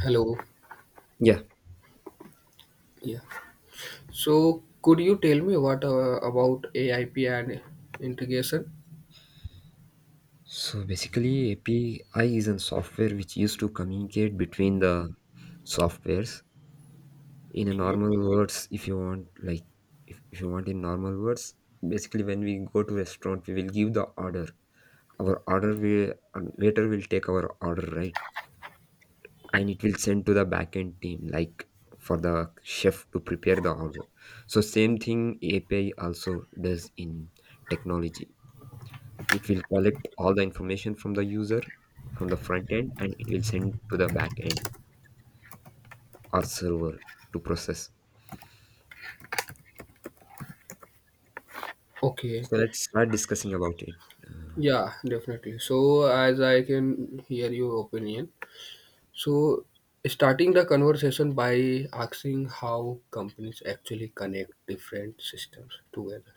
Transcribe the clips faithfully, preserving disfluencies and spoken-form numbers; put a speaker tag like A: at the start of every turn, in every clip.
A: Hello.
B: Yeah.
A: Yeah. So, could you tell me what uh, about A I P and integration?
B: So basically, A P I is a software which used to communicate between the softwares. In a
A: Okay.
B: normal words, if you want, like if, if you want in normal words, basically when we go to restaurant, we will give the order. Our order will um, waiter will take our order, right? And it will send to the backend team, like for the chef to prepare the order. So same thing A P I also does in technology. It will collect all the information from the user from the front end and it will send to the back end or server to process.
A: Okay.
B: So let's start discussing about it.
A: Yeah, definitely. So, as I can hear your opinion, so starting the conversation by asking how companies actually connect different systems together.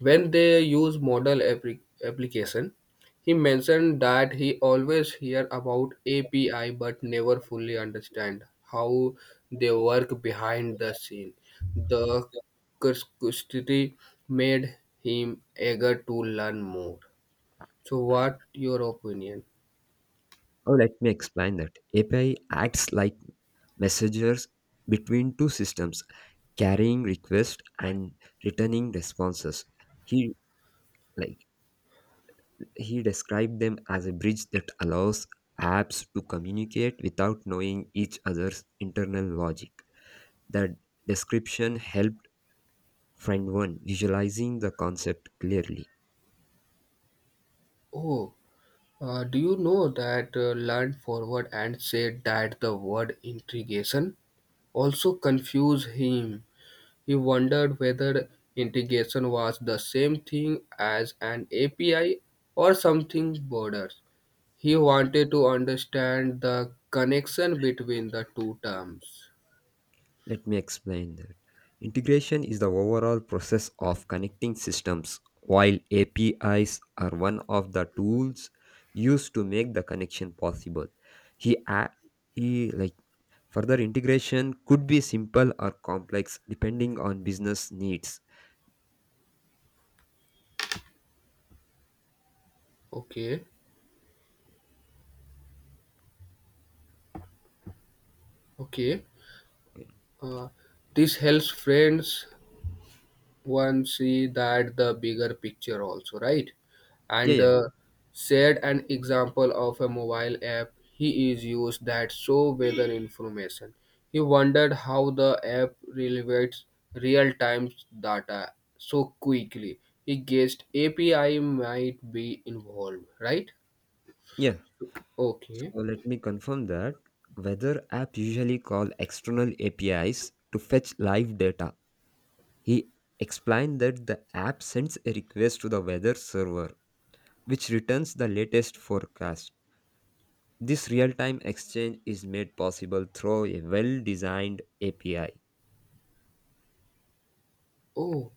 A: When they use model appli- application, he mentioned that he always hear about A P I but never fully understand how they work behind the scene. The curiosity made him eager to learn more. So, what your opinion?
B: Oh, let me explain that API acts like messengers between two systems, carrying requests and returning responses. He like he described them as a bridge that allows apps to communicate without knowing each other's internal logic. The description help Friend one visualizing the concept clearly.
A: Oh, uh, do you know that uh, learned forward and said that the word integration also confused him? He wondered whether integration was the same thing as an A P I or something broader. He wanted to understand the connection between the two terms.
B: Let me explain that. Integration is the overall process of connecting systems, while A P Is are one of the tools used to make the connection possible. He, a- he like further integration could be simple or complex depending on business needs.
A: Okay, okay.
B: Okay.
A: Uh, this helps friends one see that the bigger picture also right,
B: Yeah,
A: and
B: yeah,
A: uh, said an example of a mobile app he is used that show weather information. He wondered how the app relates real-time data so quickly. He guessed API might be involved, right?
B: yeah.
A: Okay.
B: So let me confirm that whether app usually call external A P Is to fetch live data. He explained that the app sends a request to the weather server, which returns the latest forecast. This real time exchange is made possible through a well designed A P I.
A: Oh,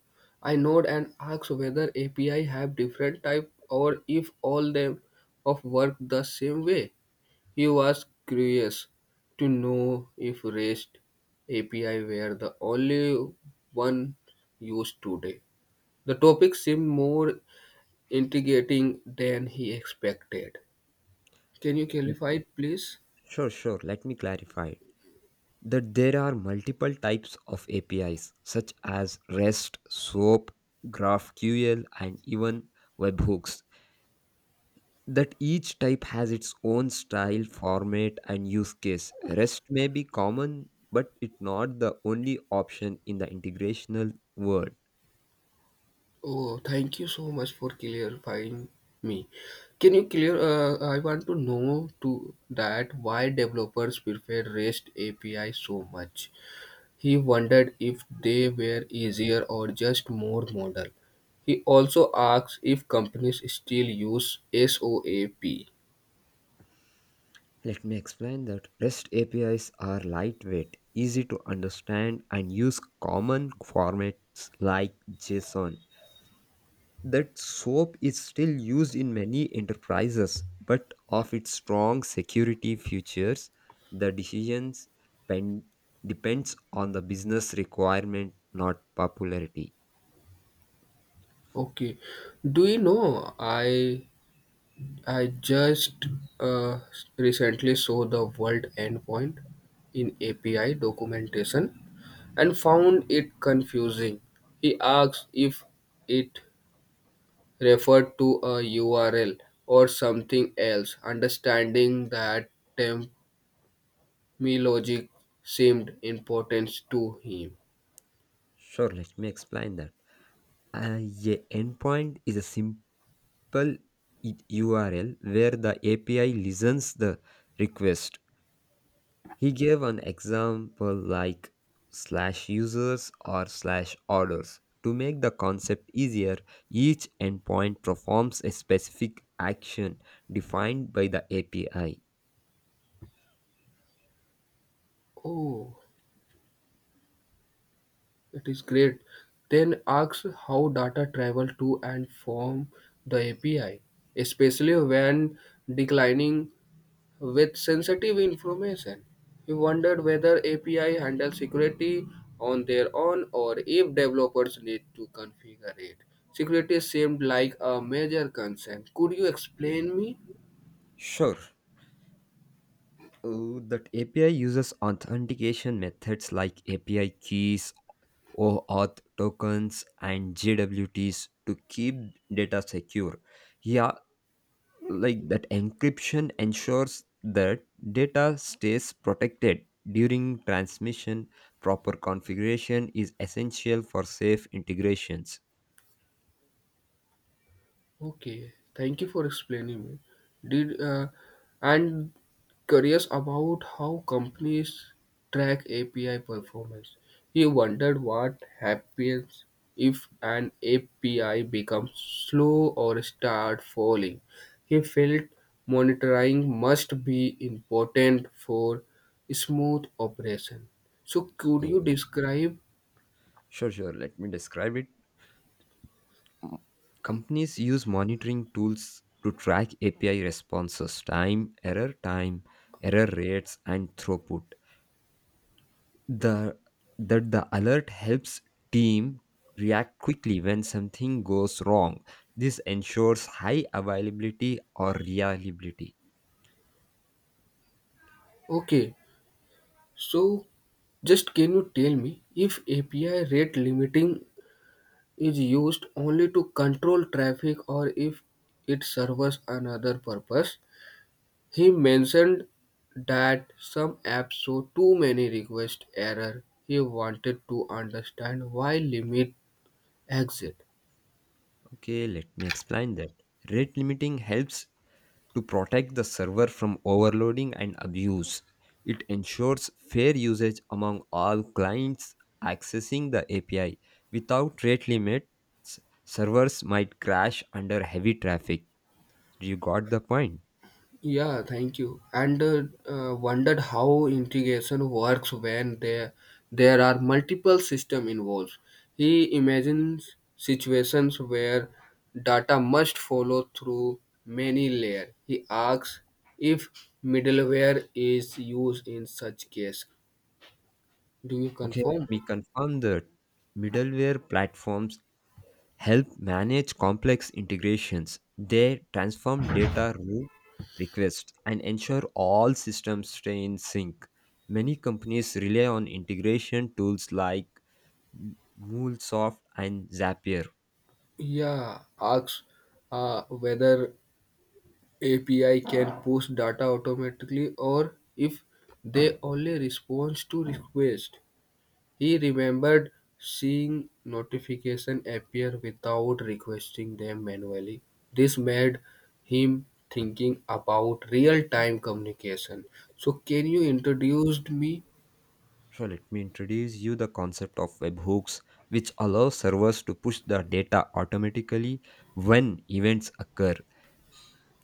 A: I note and asked whether API have different type or if all them of work the same way. He was curious to know if REST A P I were the only one used today. The topic seemed more intriguing than he expected. Can you clarify it, please?
B: Sure, sure, let me clarify that there are multiple types of A P Is, such as REST, SOAP, GraphQL, and even webhooks. That each type has its own style, format, and use case. REST may be common, but it's not the only option in the integrational world.
A: Oh, thank you so much for clarifying me. Can you clear? Uh, I want to know to that why developers prefer REST A P I so much. He wondered if they were easier or just more modern. He also asks if companies still use SOAP.
B: Let me explain that REST A P Is are lightweight, easy to understand, and use common formats like JSON. That soap is still used in many enterprises, but of its strong security features, the decisions pen- depends on the business requirement, not popularity.
A: Okay, do you know I I just uh, recently saw the world endpoint in A P I documentation and found it confusing. He asks if it referred to a U R L or something else. Understanding that temp. Me logic seemed important to him.
B: Sure, let me explain that. Uh, a endpoint is a simple i- U R L where the A P I listens the request. He gave an example like slash users or slash orders. To make the concept easier, each endpoint performs a specific action defined by the A P I.
A: Oh, it is great. Then asks how data travel to and from the A P I, especially when declining with sensitive information. He wondered whether A P I handle security on their own or if developers need to configure it. Security seemed like a major concern. Could you explain me?
B: Sure. Uh, that A P I uses authentication methods like A P I keys, OAuth tokens, and G W Ts to keep data secure. He like that encryption ensures that data stays protected during transmission. Proper configuration is essential for safe integrations.
A: Okay, thank you for explaining me. Did uh, And curious about how companies track A P I performance. He wondered what happens if an A P I becomes slow or start falling. He felt monitoring must be important for smooth operation. So could you
B: So
A: describe?
B: sure sure, let me describe it. Mm. Companies use monitoring tools to track API responses time, error time error rates, and throughput. The That the alert helps team react quickly when something goes wrong. This ensures high availability or reliability.
A: Okay. So, just can you tell me if A P I rate limiting is used only to control traffic or if it serves another purpose? He mentioned that some apps show too many request error. He wanted to understand why limit exist.
B: Okay, let me explain that rate limiting helps to protect the server from overloading and abuse. It ensures fair usage among all clients accessing the API. Without rate limits, servers might crash under heavy traffic. You got the point.
A: Yeah, thank you. And uh, uh, wondered how integration works when there there are multiple system involved. He imagines situations where data must follow through many layers. He asks if middleware is used in such case. Do you
B: Okay,
A: confirm?
B: we confirm that middleware platforms help manage complex integrations. They transform data rule requests and ensure all systems stay in sync. Many companies rely on integration tools like M- MuleSoft and Zapier.
A: Yeah, asks uh, whether A P I can push data automatically or if they only respond to request. He remembered seeing notifications appear without requesting them manually. This made him thinking about real-time communication. So can you introduce me?
B: So let me introduce you the concept of webhooks, which allow servers to push the data automatically when events occur.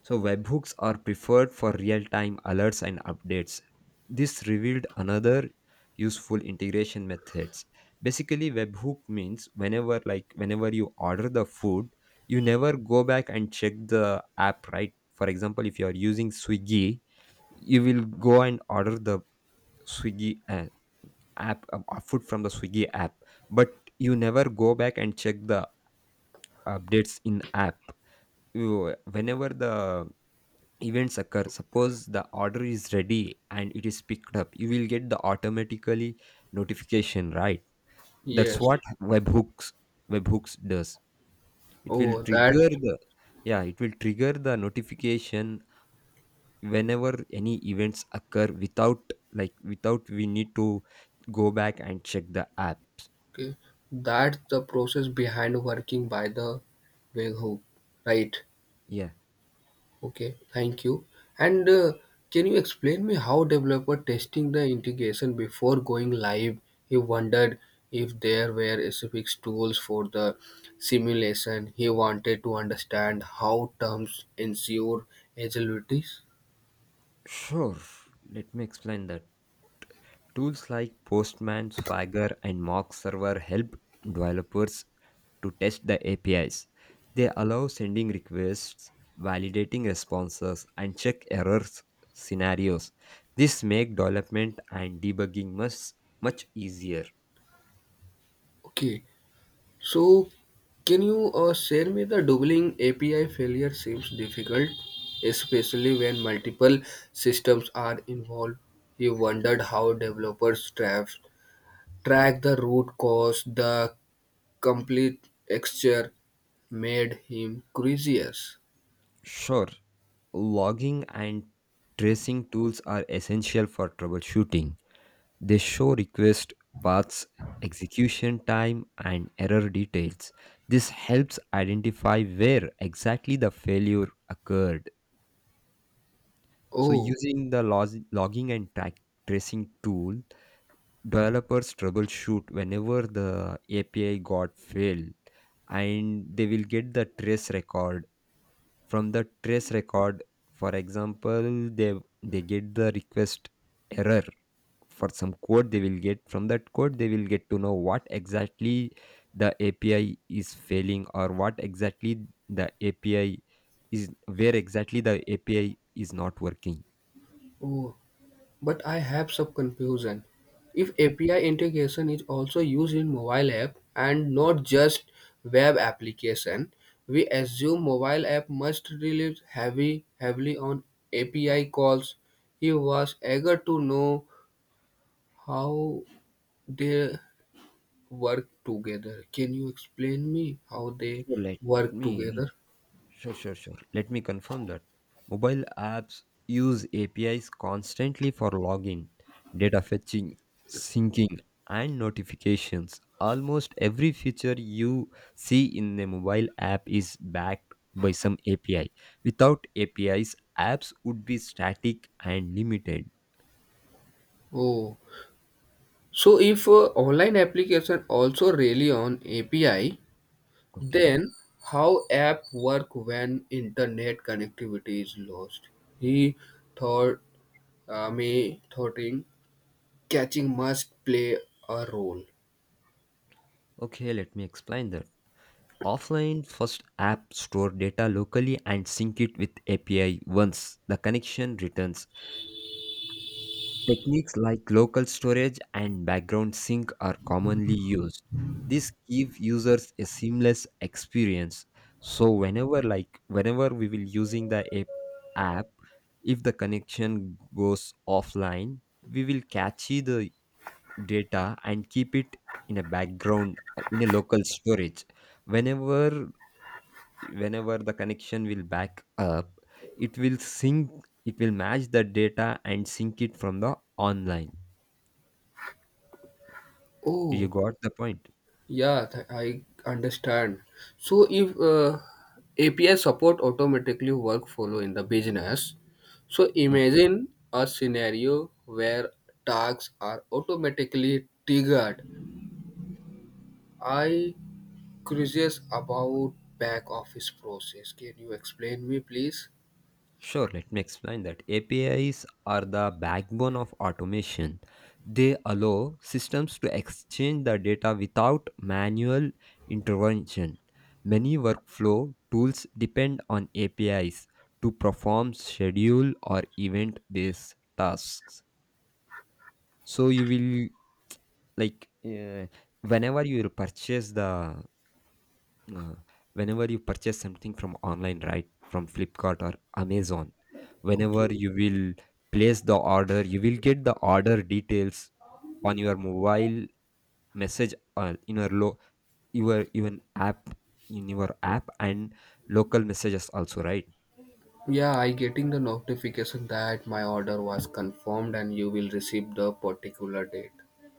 B: So webhooks are preferred for real-time alerts and updates. This revealed another useful integration methods. Basically, webhook means whenever like whenever you order the food, you never go back and check the app, right? For example, if you are using Swiggy, you will go and order the Swiggy uh, app uh, uh, food from the Swiggy app, but you never go back and check the updates in app. You, whenever the events occur, suppose the order is ready and it is picked up, you will get the automatically notification, right? That's
A: Yes.
B: what webhooks webhooks does. It will
A: Oh, that.
B: trigger the yeah, it will trigger the notification whenever any events occur without like without we need to go back and check the app.
A: Okay. That's the process behind working by the webhook, right?
B: Yeah,
A: Okay, thank you. And uh, can you explain me how developer testing the integration before going live? He wondered if there were specific tools for the simulation. He wanted to understand how terms ensure agilities.
B: sure, let me explain that. Tools like Postman, Swagger, and Mock Server help developers to test the A P Is. They allow sending requests, validating responses, and check errors scenarios. This make development and debugging much much easier.
A: Okay, so can you uh, share me the doubling A P I failure seems difficult, especially when multiple systems are involved. He wondered how developers trap Track the root cause, the complete texture made him curious.
B: Sure, logging and tracing tools are essential for troubleshooting. They show request paths, execution time, and error details. This helps identify where exactly the failure occurred. So,
A: Oh,
B: using the log- logging and track tracing tool, developers troubleshoot whenever the A P I got failed and they will get the trace record. From the trace record, for example, they, they get the request error. For some code they will get, from that code they will get to know what exactly the API is failing, or what exactly the API is, where exactly the API is not working.
A: oh, but I have some confusion. If
B: Okay,
A: A P I integration is also used in mobile app and not just web application, we assume mobile app must rely heavy, heavily on A P I calls. He was eager to know how they work together. Can you explain me how they
B: sure. Let
A: work
B: me
A: together?
B: sure, sure, sure. Let me confirm that. Mobile apps use A P Is constantly for login, data fetching, syncing, and notifications. Almost every feature you see in a mobile app is backed by some A P I. Without A P Is, apps would be static and limited.
A: Oh, so if uh, online application also rely on A P I,
B: Okay.
A: then how app work when internet connectivity is lost? He thought uh, me thoughting catching must play a role.
B: Okay, let me explain that. Offline, first app store data locally and sync it with A P I once the connection returns. Techniques like local storage and background sync are commonly used. This give users a seamless experience. So whenever like whenever we will using the app, app if the connection goes offline, we will catch the data and keep it in a background uh, in a local storage. Whenever whenever the connection will back up, it will sync, it will match the data and sync it from the online. You
A: Oh,
B: got the point.
A: yeah, th- I understand. So if uh, A P I support automatically work follow in the business, so
B: Okay.
A: imagine a scenario where tasks are automatically triggered. I curious about back office process. Can you explain me, please?
B: Sure, let me explain that. A P Is are the backbone of automation. They allow systems to exchange the data without manual intervention. Many workflow tools depend on A P Is to perform schedule or event based tasks. So you will like uh, whenever you will purchase the Uh, whenever you purchase something from online, right, from flipkart or amazon, whenever
A: Okay.
B: you will place the order, you will get the order details on your mobile message, or in your low your even app, in your app and local messages also, right?
A: Yeah, I getting the notification that my order was confirmed and you will receive the particular date.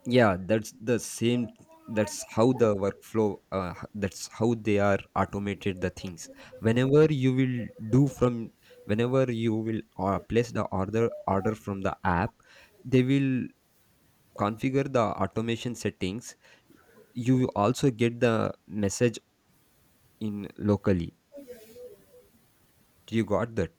B: Yeah, that's the same. That's how the workflow uh, h- that's how they are automated the things. Whenever you will do from whenever you will uh, place the order order from the app, they will configure the automation settings, you also get the message in locally. You got that.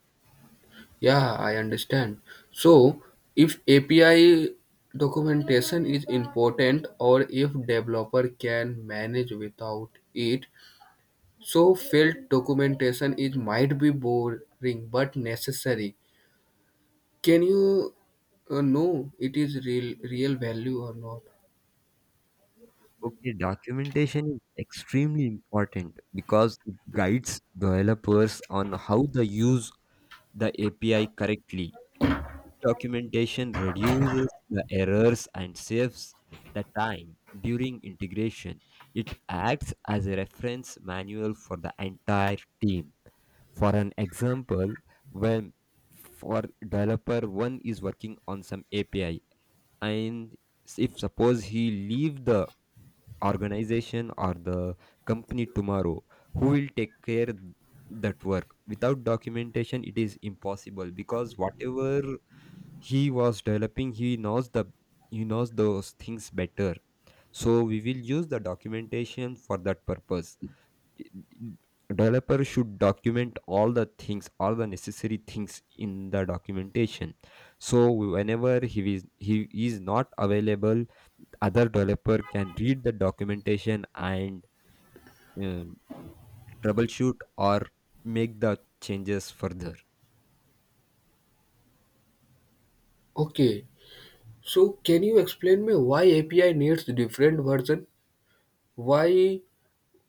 A: Yeah, I understand. So, if A P I documentation is important or if developer can manage without it, so failed documentation is might be boring but necessary. Can you uh, know it is real real value or not?
B: Okay, documentation is extremely important because it guides developers on how to use the API correctly. Documentation reduces the errors and saves the time during integration. It acts as a reference manual for the entire team. For an example, when for developer one is working on some A P I and s- if suppose he leave the organization or the company tomorrow, who will take care that work? Without documentation, it is impossible because whatever he was developing, he knows the he knows those things better. So we will use the documentation for that purpose. Developer should document all the things, all the necessary things in the documentation, so whenever he is he is not available, other developer can read the documentation and um, troubleshoot or make the changes further.
A: Okay. So, can you explain me why A P I needs different version? Why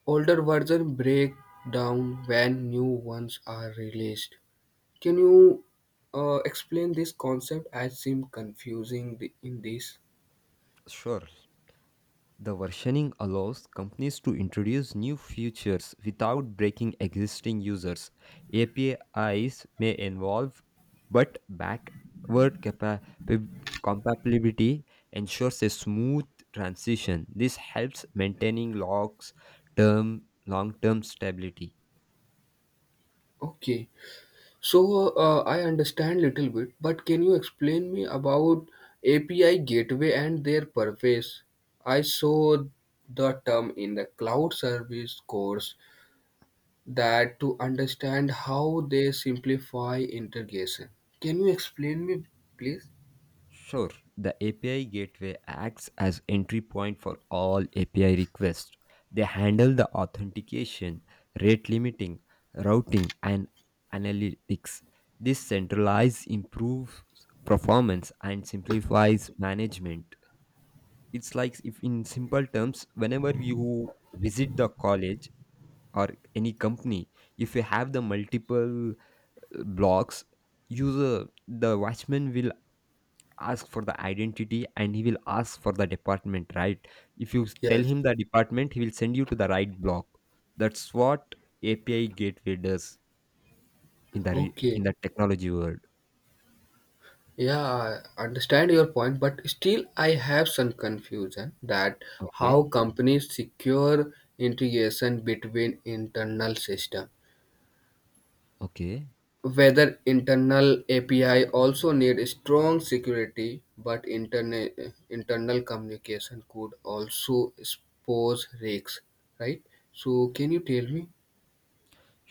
A: older version break down when new ones are released? Can you uh, explain this concept? I seem confusing the, in this.
B: Sure, the versioning allows companies to introduce new features without breaking existing users. A P Is may involve, but backward capa- pib- compatibility ensures a smooth transition. This helps maintaining logs term long-term stability.
A: Okay, so uh, I understand little bit, but can you explain me about A P I gateway and their purpose? I saw the term in the cloud service course that to understand how they simplify integration. Can you explain me, please?
B: Sure, the A P I gateway acts as entry point for all A P I requests. They handle the authentication, rate limiting, routing, and analytics. This centralized improves performance and simplifies management. It's like, if in simple terms, whenever you visit the college or any company, if you have the multiple uh, blocks, user the watchman will ask for the identity and he will ask for the department, right? If you s- tell
A: Yes.
B: him the department, he will send you to the right block. That's what API gateway does in the re-
A: Okay.
B: in the technology world.
A: Yeah, I understand your point, but still I have some confusion that how
B: Okay.
A: companies secure integration between internal system.
B: Okay,
A: Whether internal A P I also need strong security, but interna- internal communication could also expose risks, right? So can you tell me?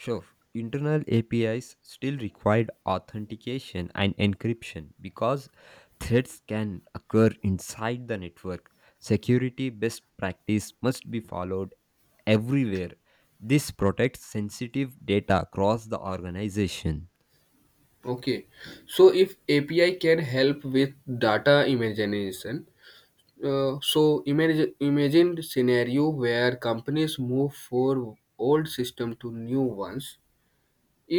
B: sure. Internal APIs still required authentication and encryption because threats can occur inside the network. Security best practice must be followed everywhere. This protects sensitive data across the organization.
A: Okay, so if A P I can help with data imagination. Uh, so imagine imagine scenario where companies move for old system to new ones.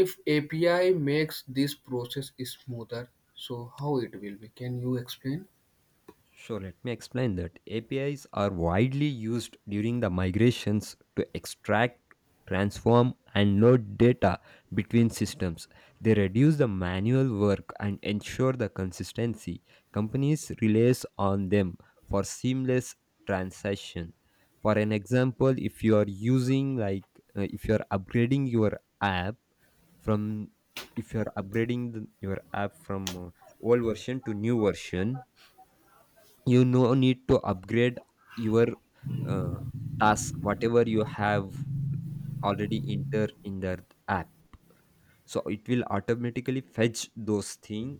A: If A P I makes this process smoother, so how it will be? Can you explain?
B: So let me explain that. A P Is are widely used during the migrations to extract, transform, and load data between systems. They reduce the manual work and ensure the consistency. Companies relies on them for seamless transaction. For an example, if you are using like uh, if you are upgrading your app from if you are upgrading the, your app from uh, old version to new version, you no need to upgrade your uh, task whatever you have already enter in the app, so it will automatically fetch those thing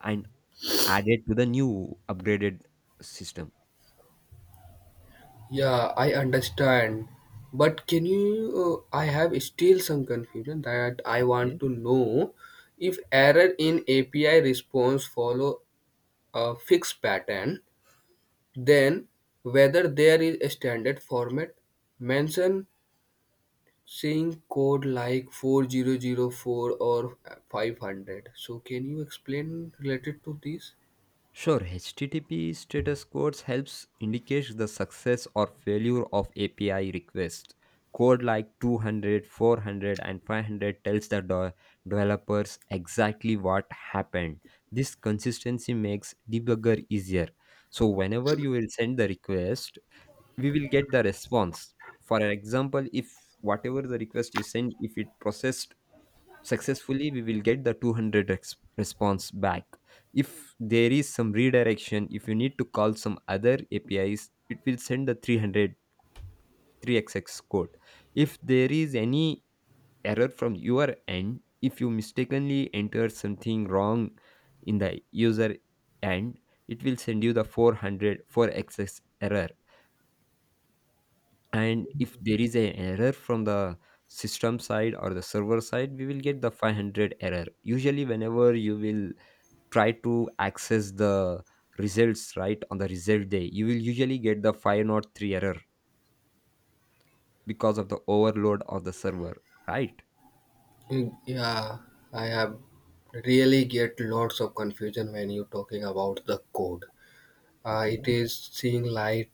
B: and add it to the new upgraded system.
A: Yeah, I understand. But can you? Uh, I have still some confusion that I want
B: Yes.
A: to know if error in A P I response follow a fixed pattern, then whether there is a standard format mention saying code like four thousand four or five hundred, so can you explain related to this?
B: Sure, H T T P status codes helps indicate the success or failure of A P I request. Code like two hundred, four hundred, and five hundred tells the de- developers exactly what happened. This consistency makes debugger easier. So whenever you will send the request, we will get the response. For example, if whatever the request you send, if it processed successfully we will get the two hundred rex- response back. If there is some redirection, if you need to call some other apis, it will send the three hundred three 3xx code. If there is any error from your end, if you mistakenly enter something wrong in the user end, it will send you the four hundred four 4xx error. And if there is an error from the system side or the server side, we will get the five hundred error. Usually whenever you will try to access the results, right, on the result day you will usually get the five zero three error because of the overload of the server, right?
A: Yeah, I have really get lots of confusion when you talking about the code. Uh,
B: Okay,
A: it is seeing light.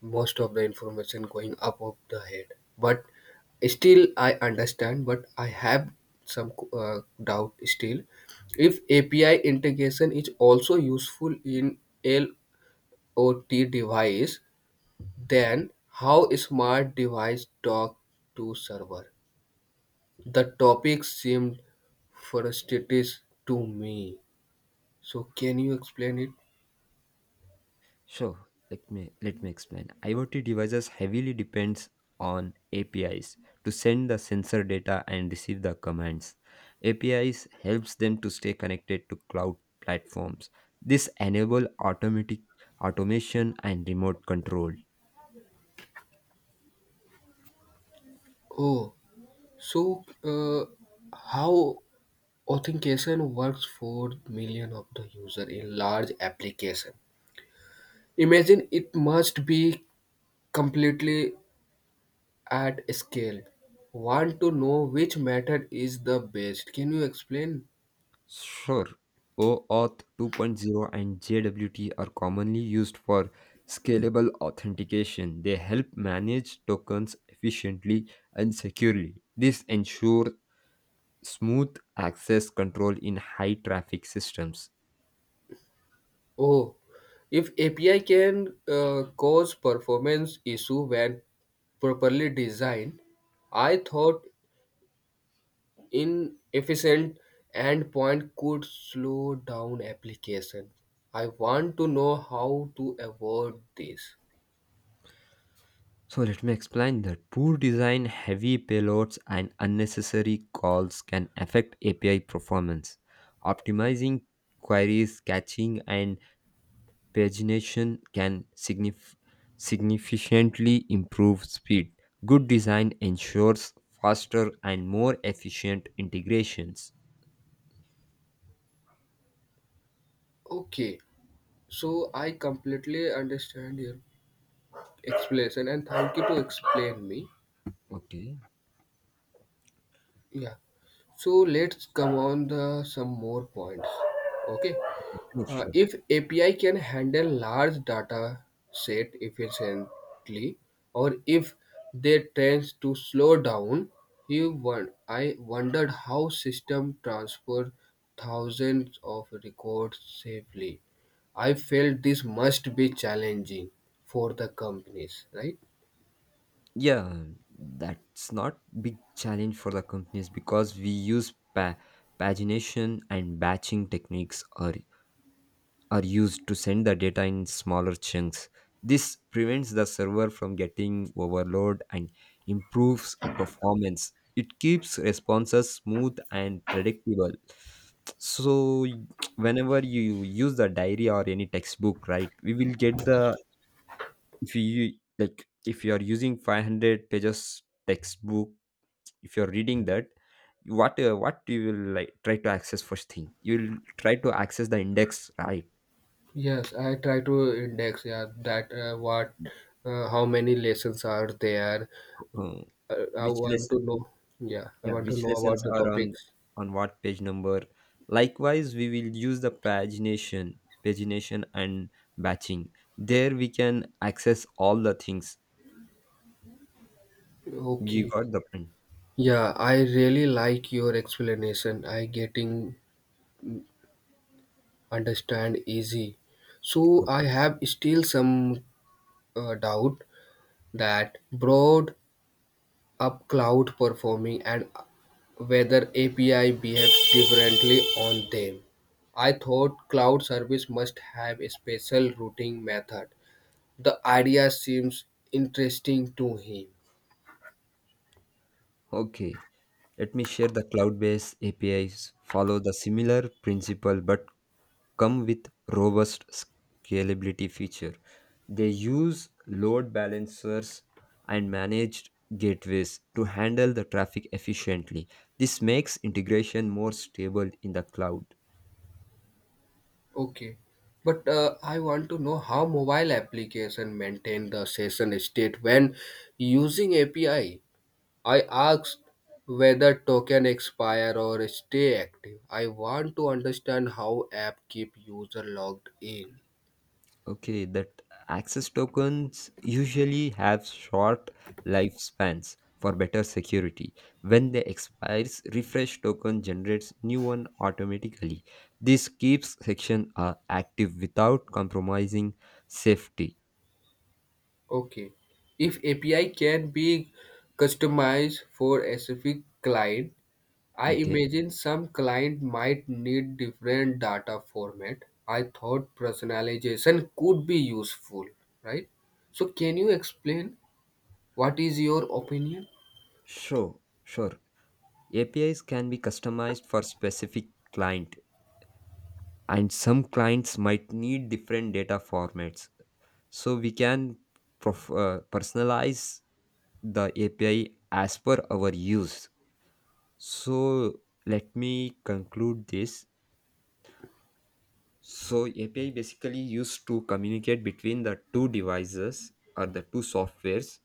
A: Most of the information going up of the head, but still I understand, but I have some uh, doubt still. If API integration is also useful in lot device, then how smart device talk to server? The topic seemed frustrating to me. So, can you explain it?
B: so let me let me explain. IoT devices heavily depends on apis to send the sensor data and receive the commands. Apis helps them to stay connected to cloud platforms. This enable automatic automation and remote control.
A: Oh, so uh, how authentication works for million of the user in large application? Imagine it must be completely at scale. Want to know which method is the best? Can you explain?
B: Sure, OAuth 2.0 and J W T are commonly used for scalable authentication. They help manage tokens efficiently and securely. This ensures smooth access control in high traffic systems.
A: Oh, if A P I can uh, cause performance issue when properly designed, I thought inefficient endpoint could slow down application. I want to know how to avoid this.
B: So, let me explain that poor design, heavy payloads, and unnecessary calls can affect A P I performance. Optimizing queries, catching, and pagination can signif- significantly improve speed. Good design ensures faster and more efficient integrations.
A: Okay, so I completely understand your explanation, and thank you to explain me.
B: Okay,
A: Yeah. So let's come on the some more points. Okay.
B: sure,
A: Uh,
B: sure.
A: if A P I can handle large data set efficiently, or if they tends to slow down, he won- I wondered how system transfer thousands of records safely. I felt this must be challenging for the companies, right?
B: Yeah, that's not big challenge for the companies because we use pa- pagination and batching techniques are are used to send the data in smaller chunks. This prevents the server from getting overloaded and improves performance. It keeps responses smooth and predictable. So whenever you use the diary or any textbook, right, we will get the, if you like, if you are using five hundred pages textbook, if you are reading that, what, uh, what you will like try to access first thing, you will try to access the index, right?
A: Yes, I try to index, yeah, that uh, what, uh, how many lessons are there.
B: Uh,
A: Uh, I
B: which
A: want
B: less.
A: to know, yeah, I
B: Yeah,
A: want to
B: which
A: know about
B: lessons
A: the
B: are on
A: topics.
B: on what page number? Likewise, we will use the pagination, pagination and batching. There we can access all the things. You
A: Okay.
B: got the point.
A: Yeah, I really like your explanation. I getting understand easy. So I have still some uh, doubt that broad Up cloud performing and whether A P I behaves differently on them. I thought cloud service must have a special routing method. The idea seems interesting to him.
B: Okay, let me share. The cloud-based A P Is follow the similar principle but come with robust scalability feature. They use load balancers and managed gateways to handle the traffic efficiently. This makes integration more stable in the cloud.
A: Okay, but uh, I want to know how mobile application maintain the session state when using A P I. I I asked whether token expire or stay active. I want to understand how app keep user logged in.
B: Okay, that access tokens usually have short lifespans for better security. When they expires, refresh token generates new one automatically. This keeps section uh, active without compromising safety.
A: Okay. If A P I can be customized for a specific client, I
B: Okay.
A: imagine some client might need different data format. I thought personalization could be useful, right? So can you explain what is your opinion?
B: Sure, sure. A P Is can be customized for specific client and some clients might need different data formats. So we can prof- uh, personalize the A P I as per our use. So let me conclude this. So A P I basically used to communicate between the two devices or the two softwares.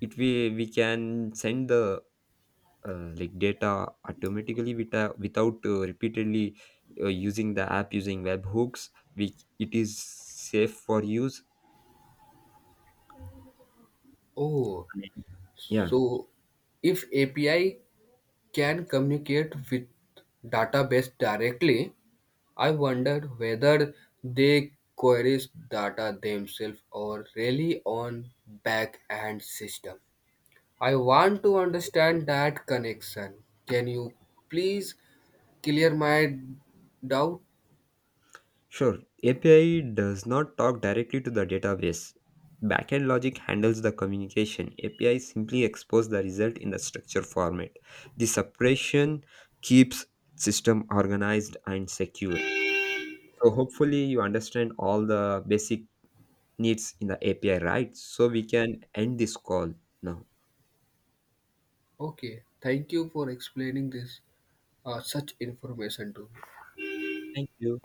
B: It, we we can send the uh, like data automatically without without uh, repeatedly uh, using the app using webhooks. We it is safe for use.
A: Oh,
B: Yeah.
A: so if A P I can communicate with database directly, I wondered whether they queries data themselves or rely on back-end system. I want to understand that connection. Can you please clear my doubt?
B: Sure, A P I does not talk directly to the database. Backend logic handles the communication. A P I simply exposes the result in the structure format. The separation keeps system organized and secure. So hopefully you understand all the basic needs in the A P I, right? So we can end this call now.
A: Okay, thank you for explaining this uh, such information to me.
B: Thank you.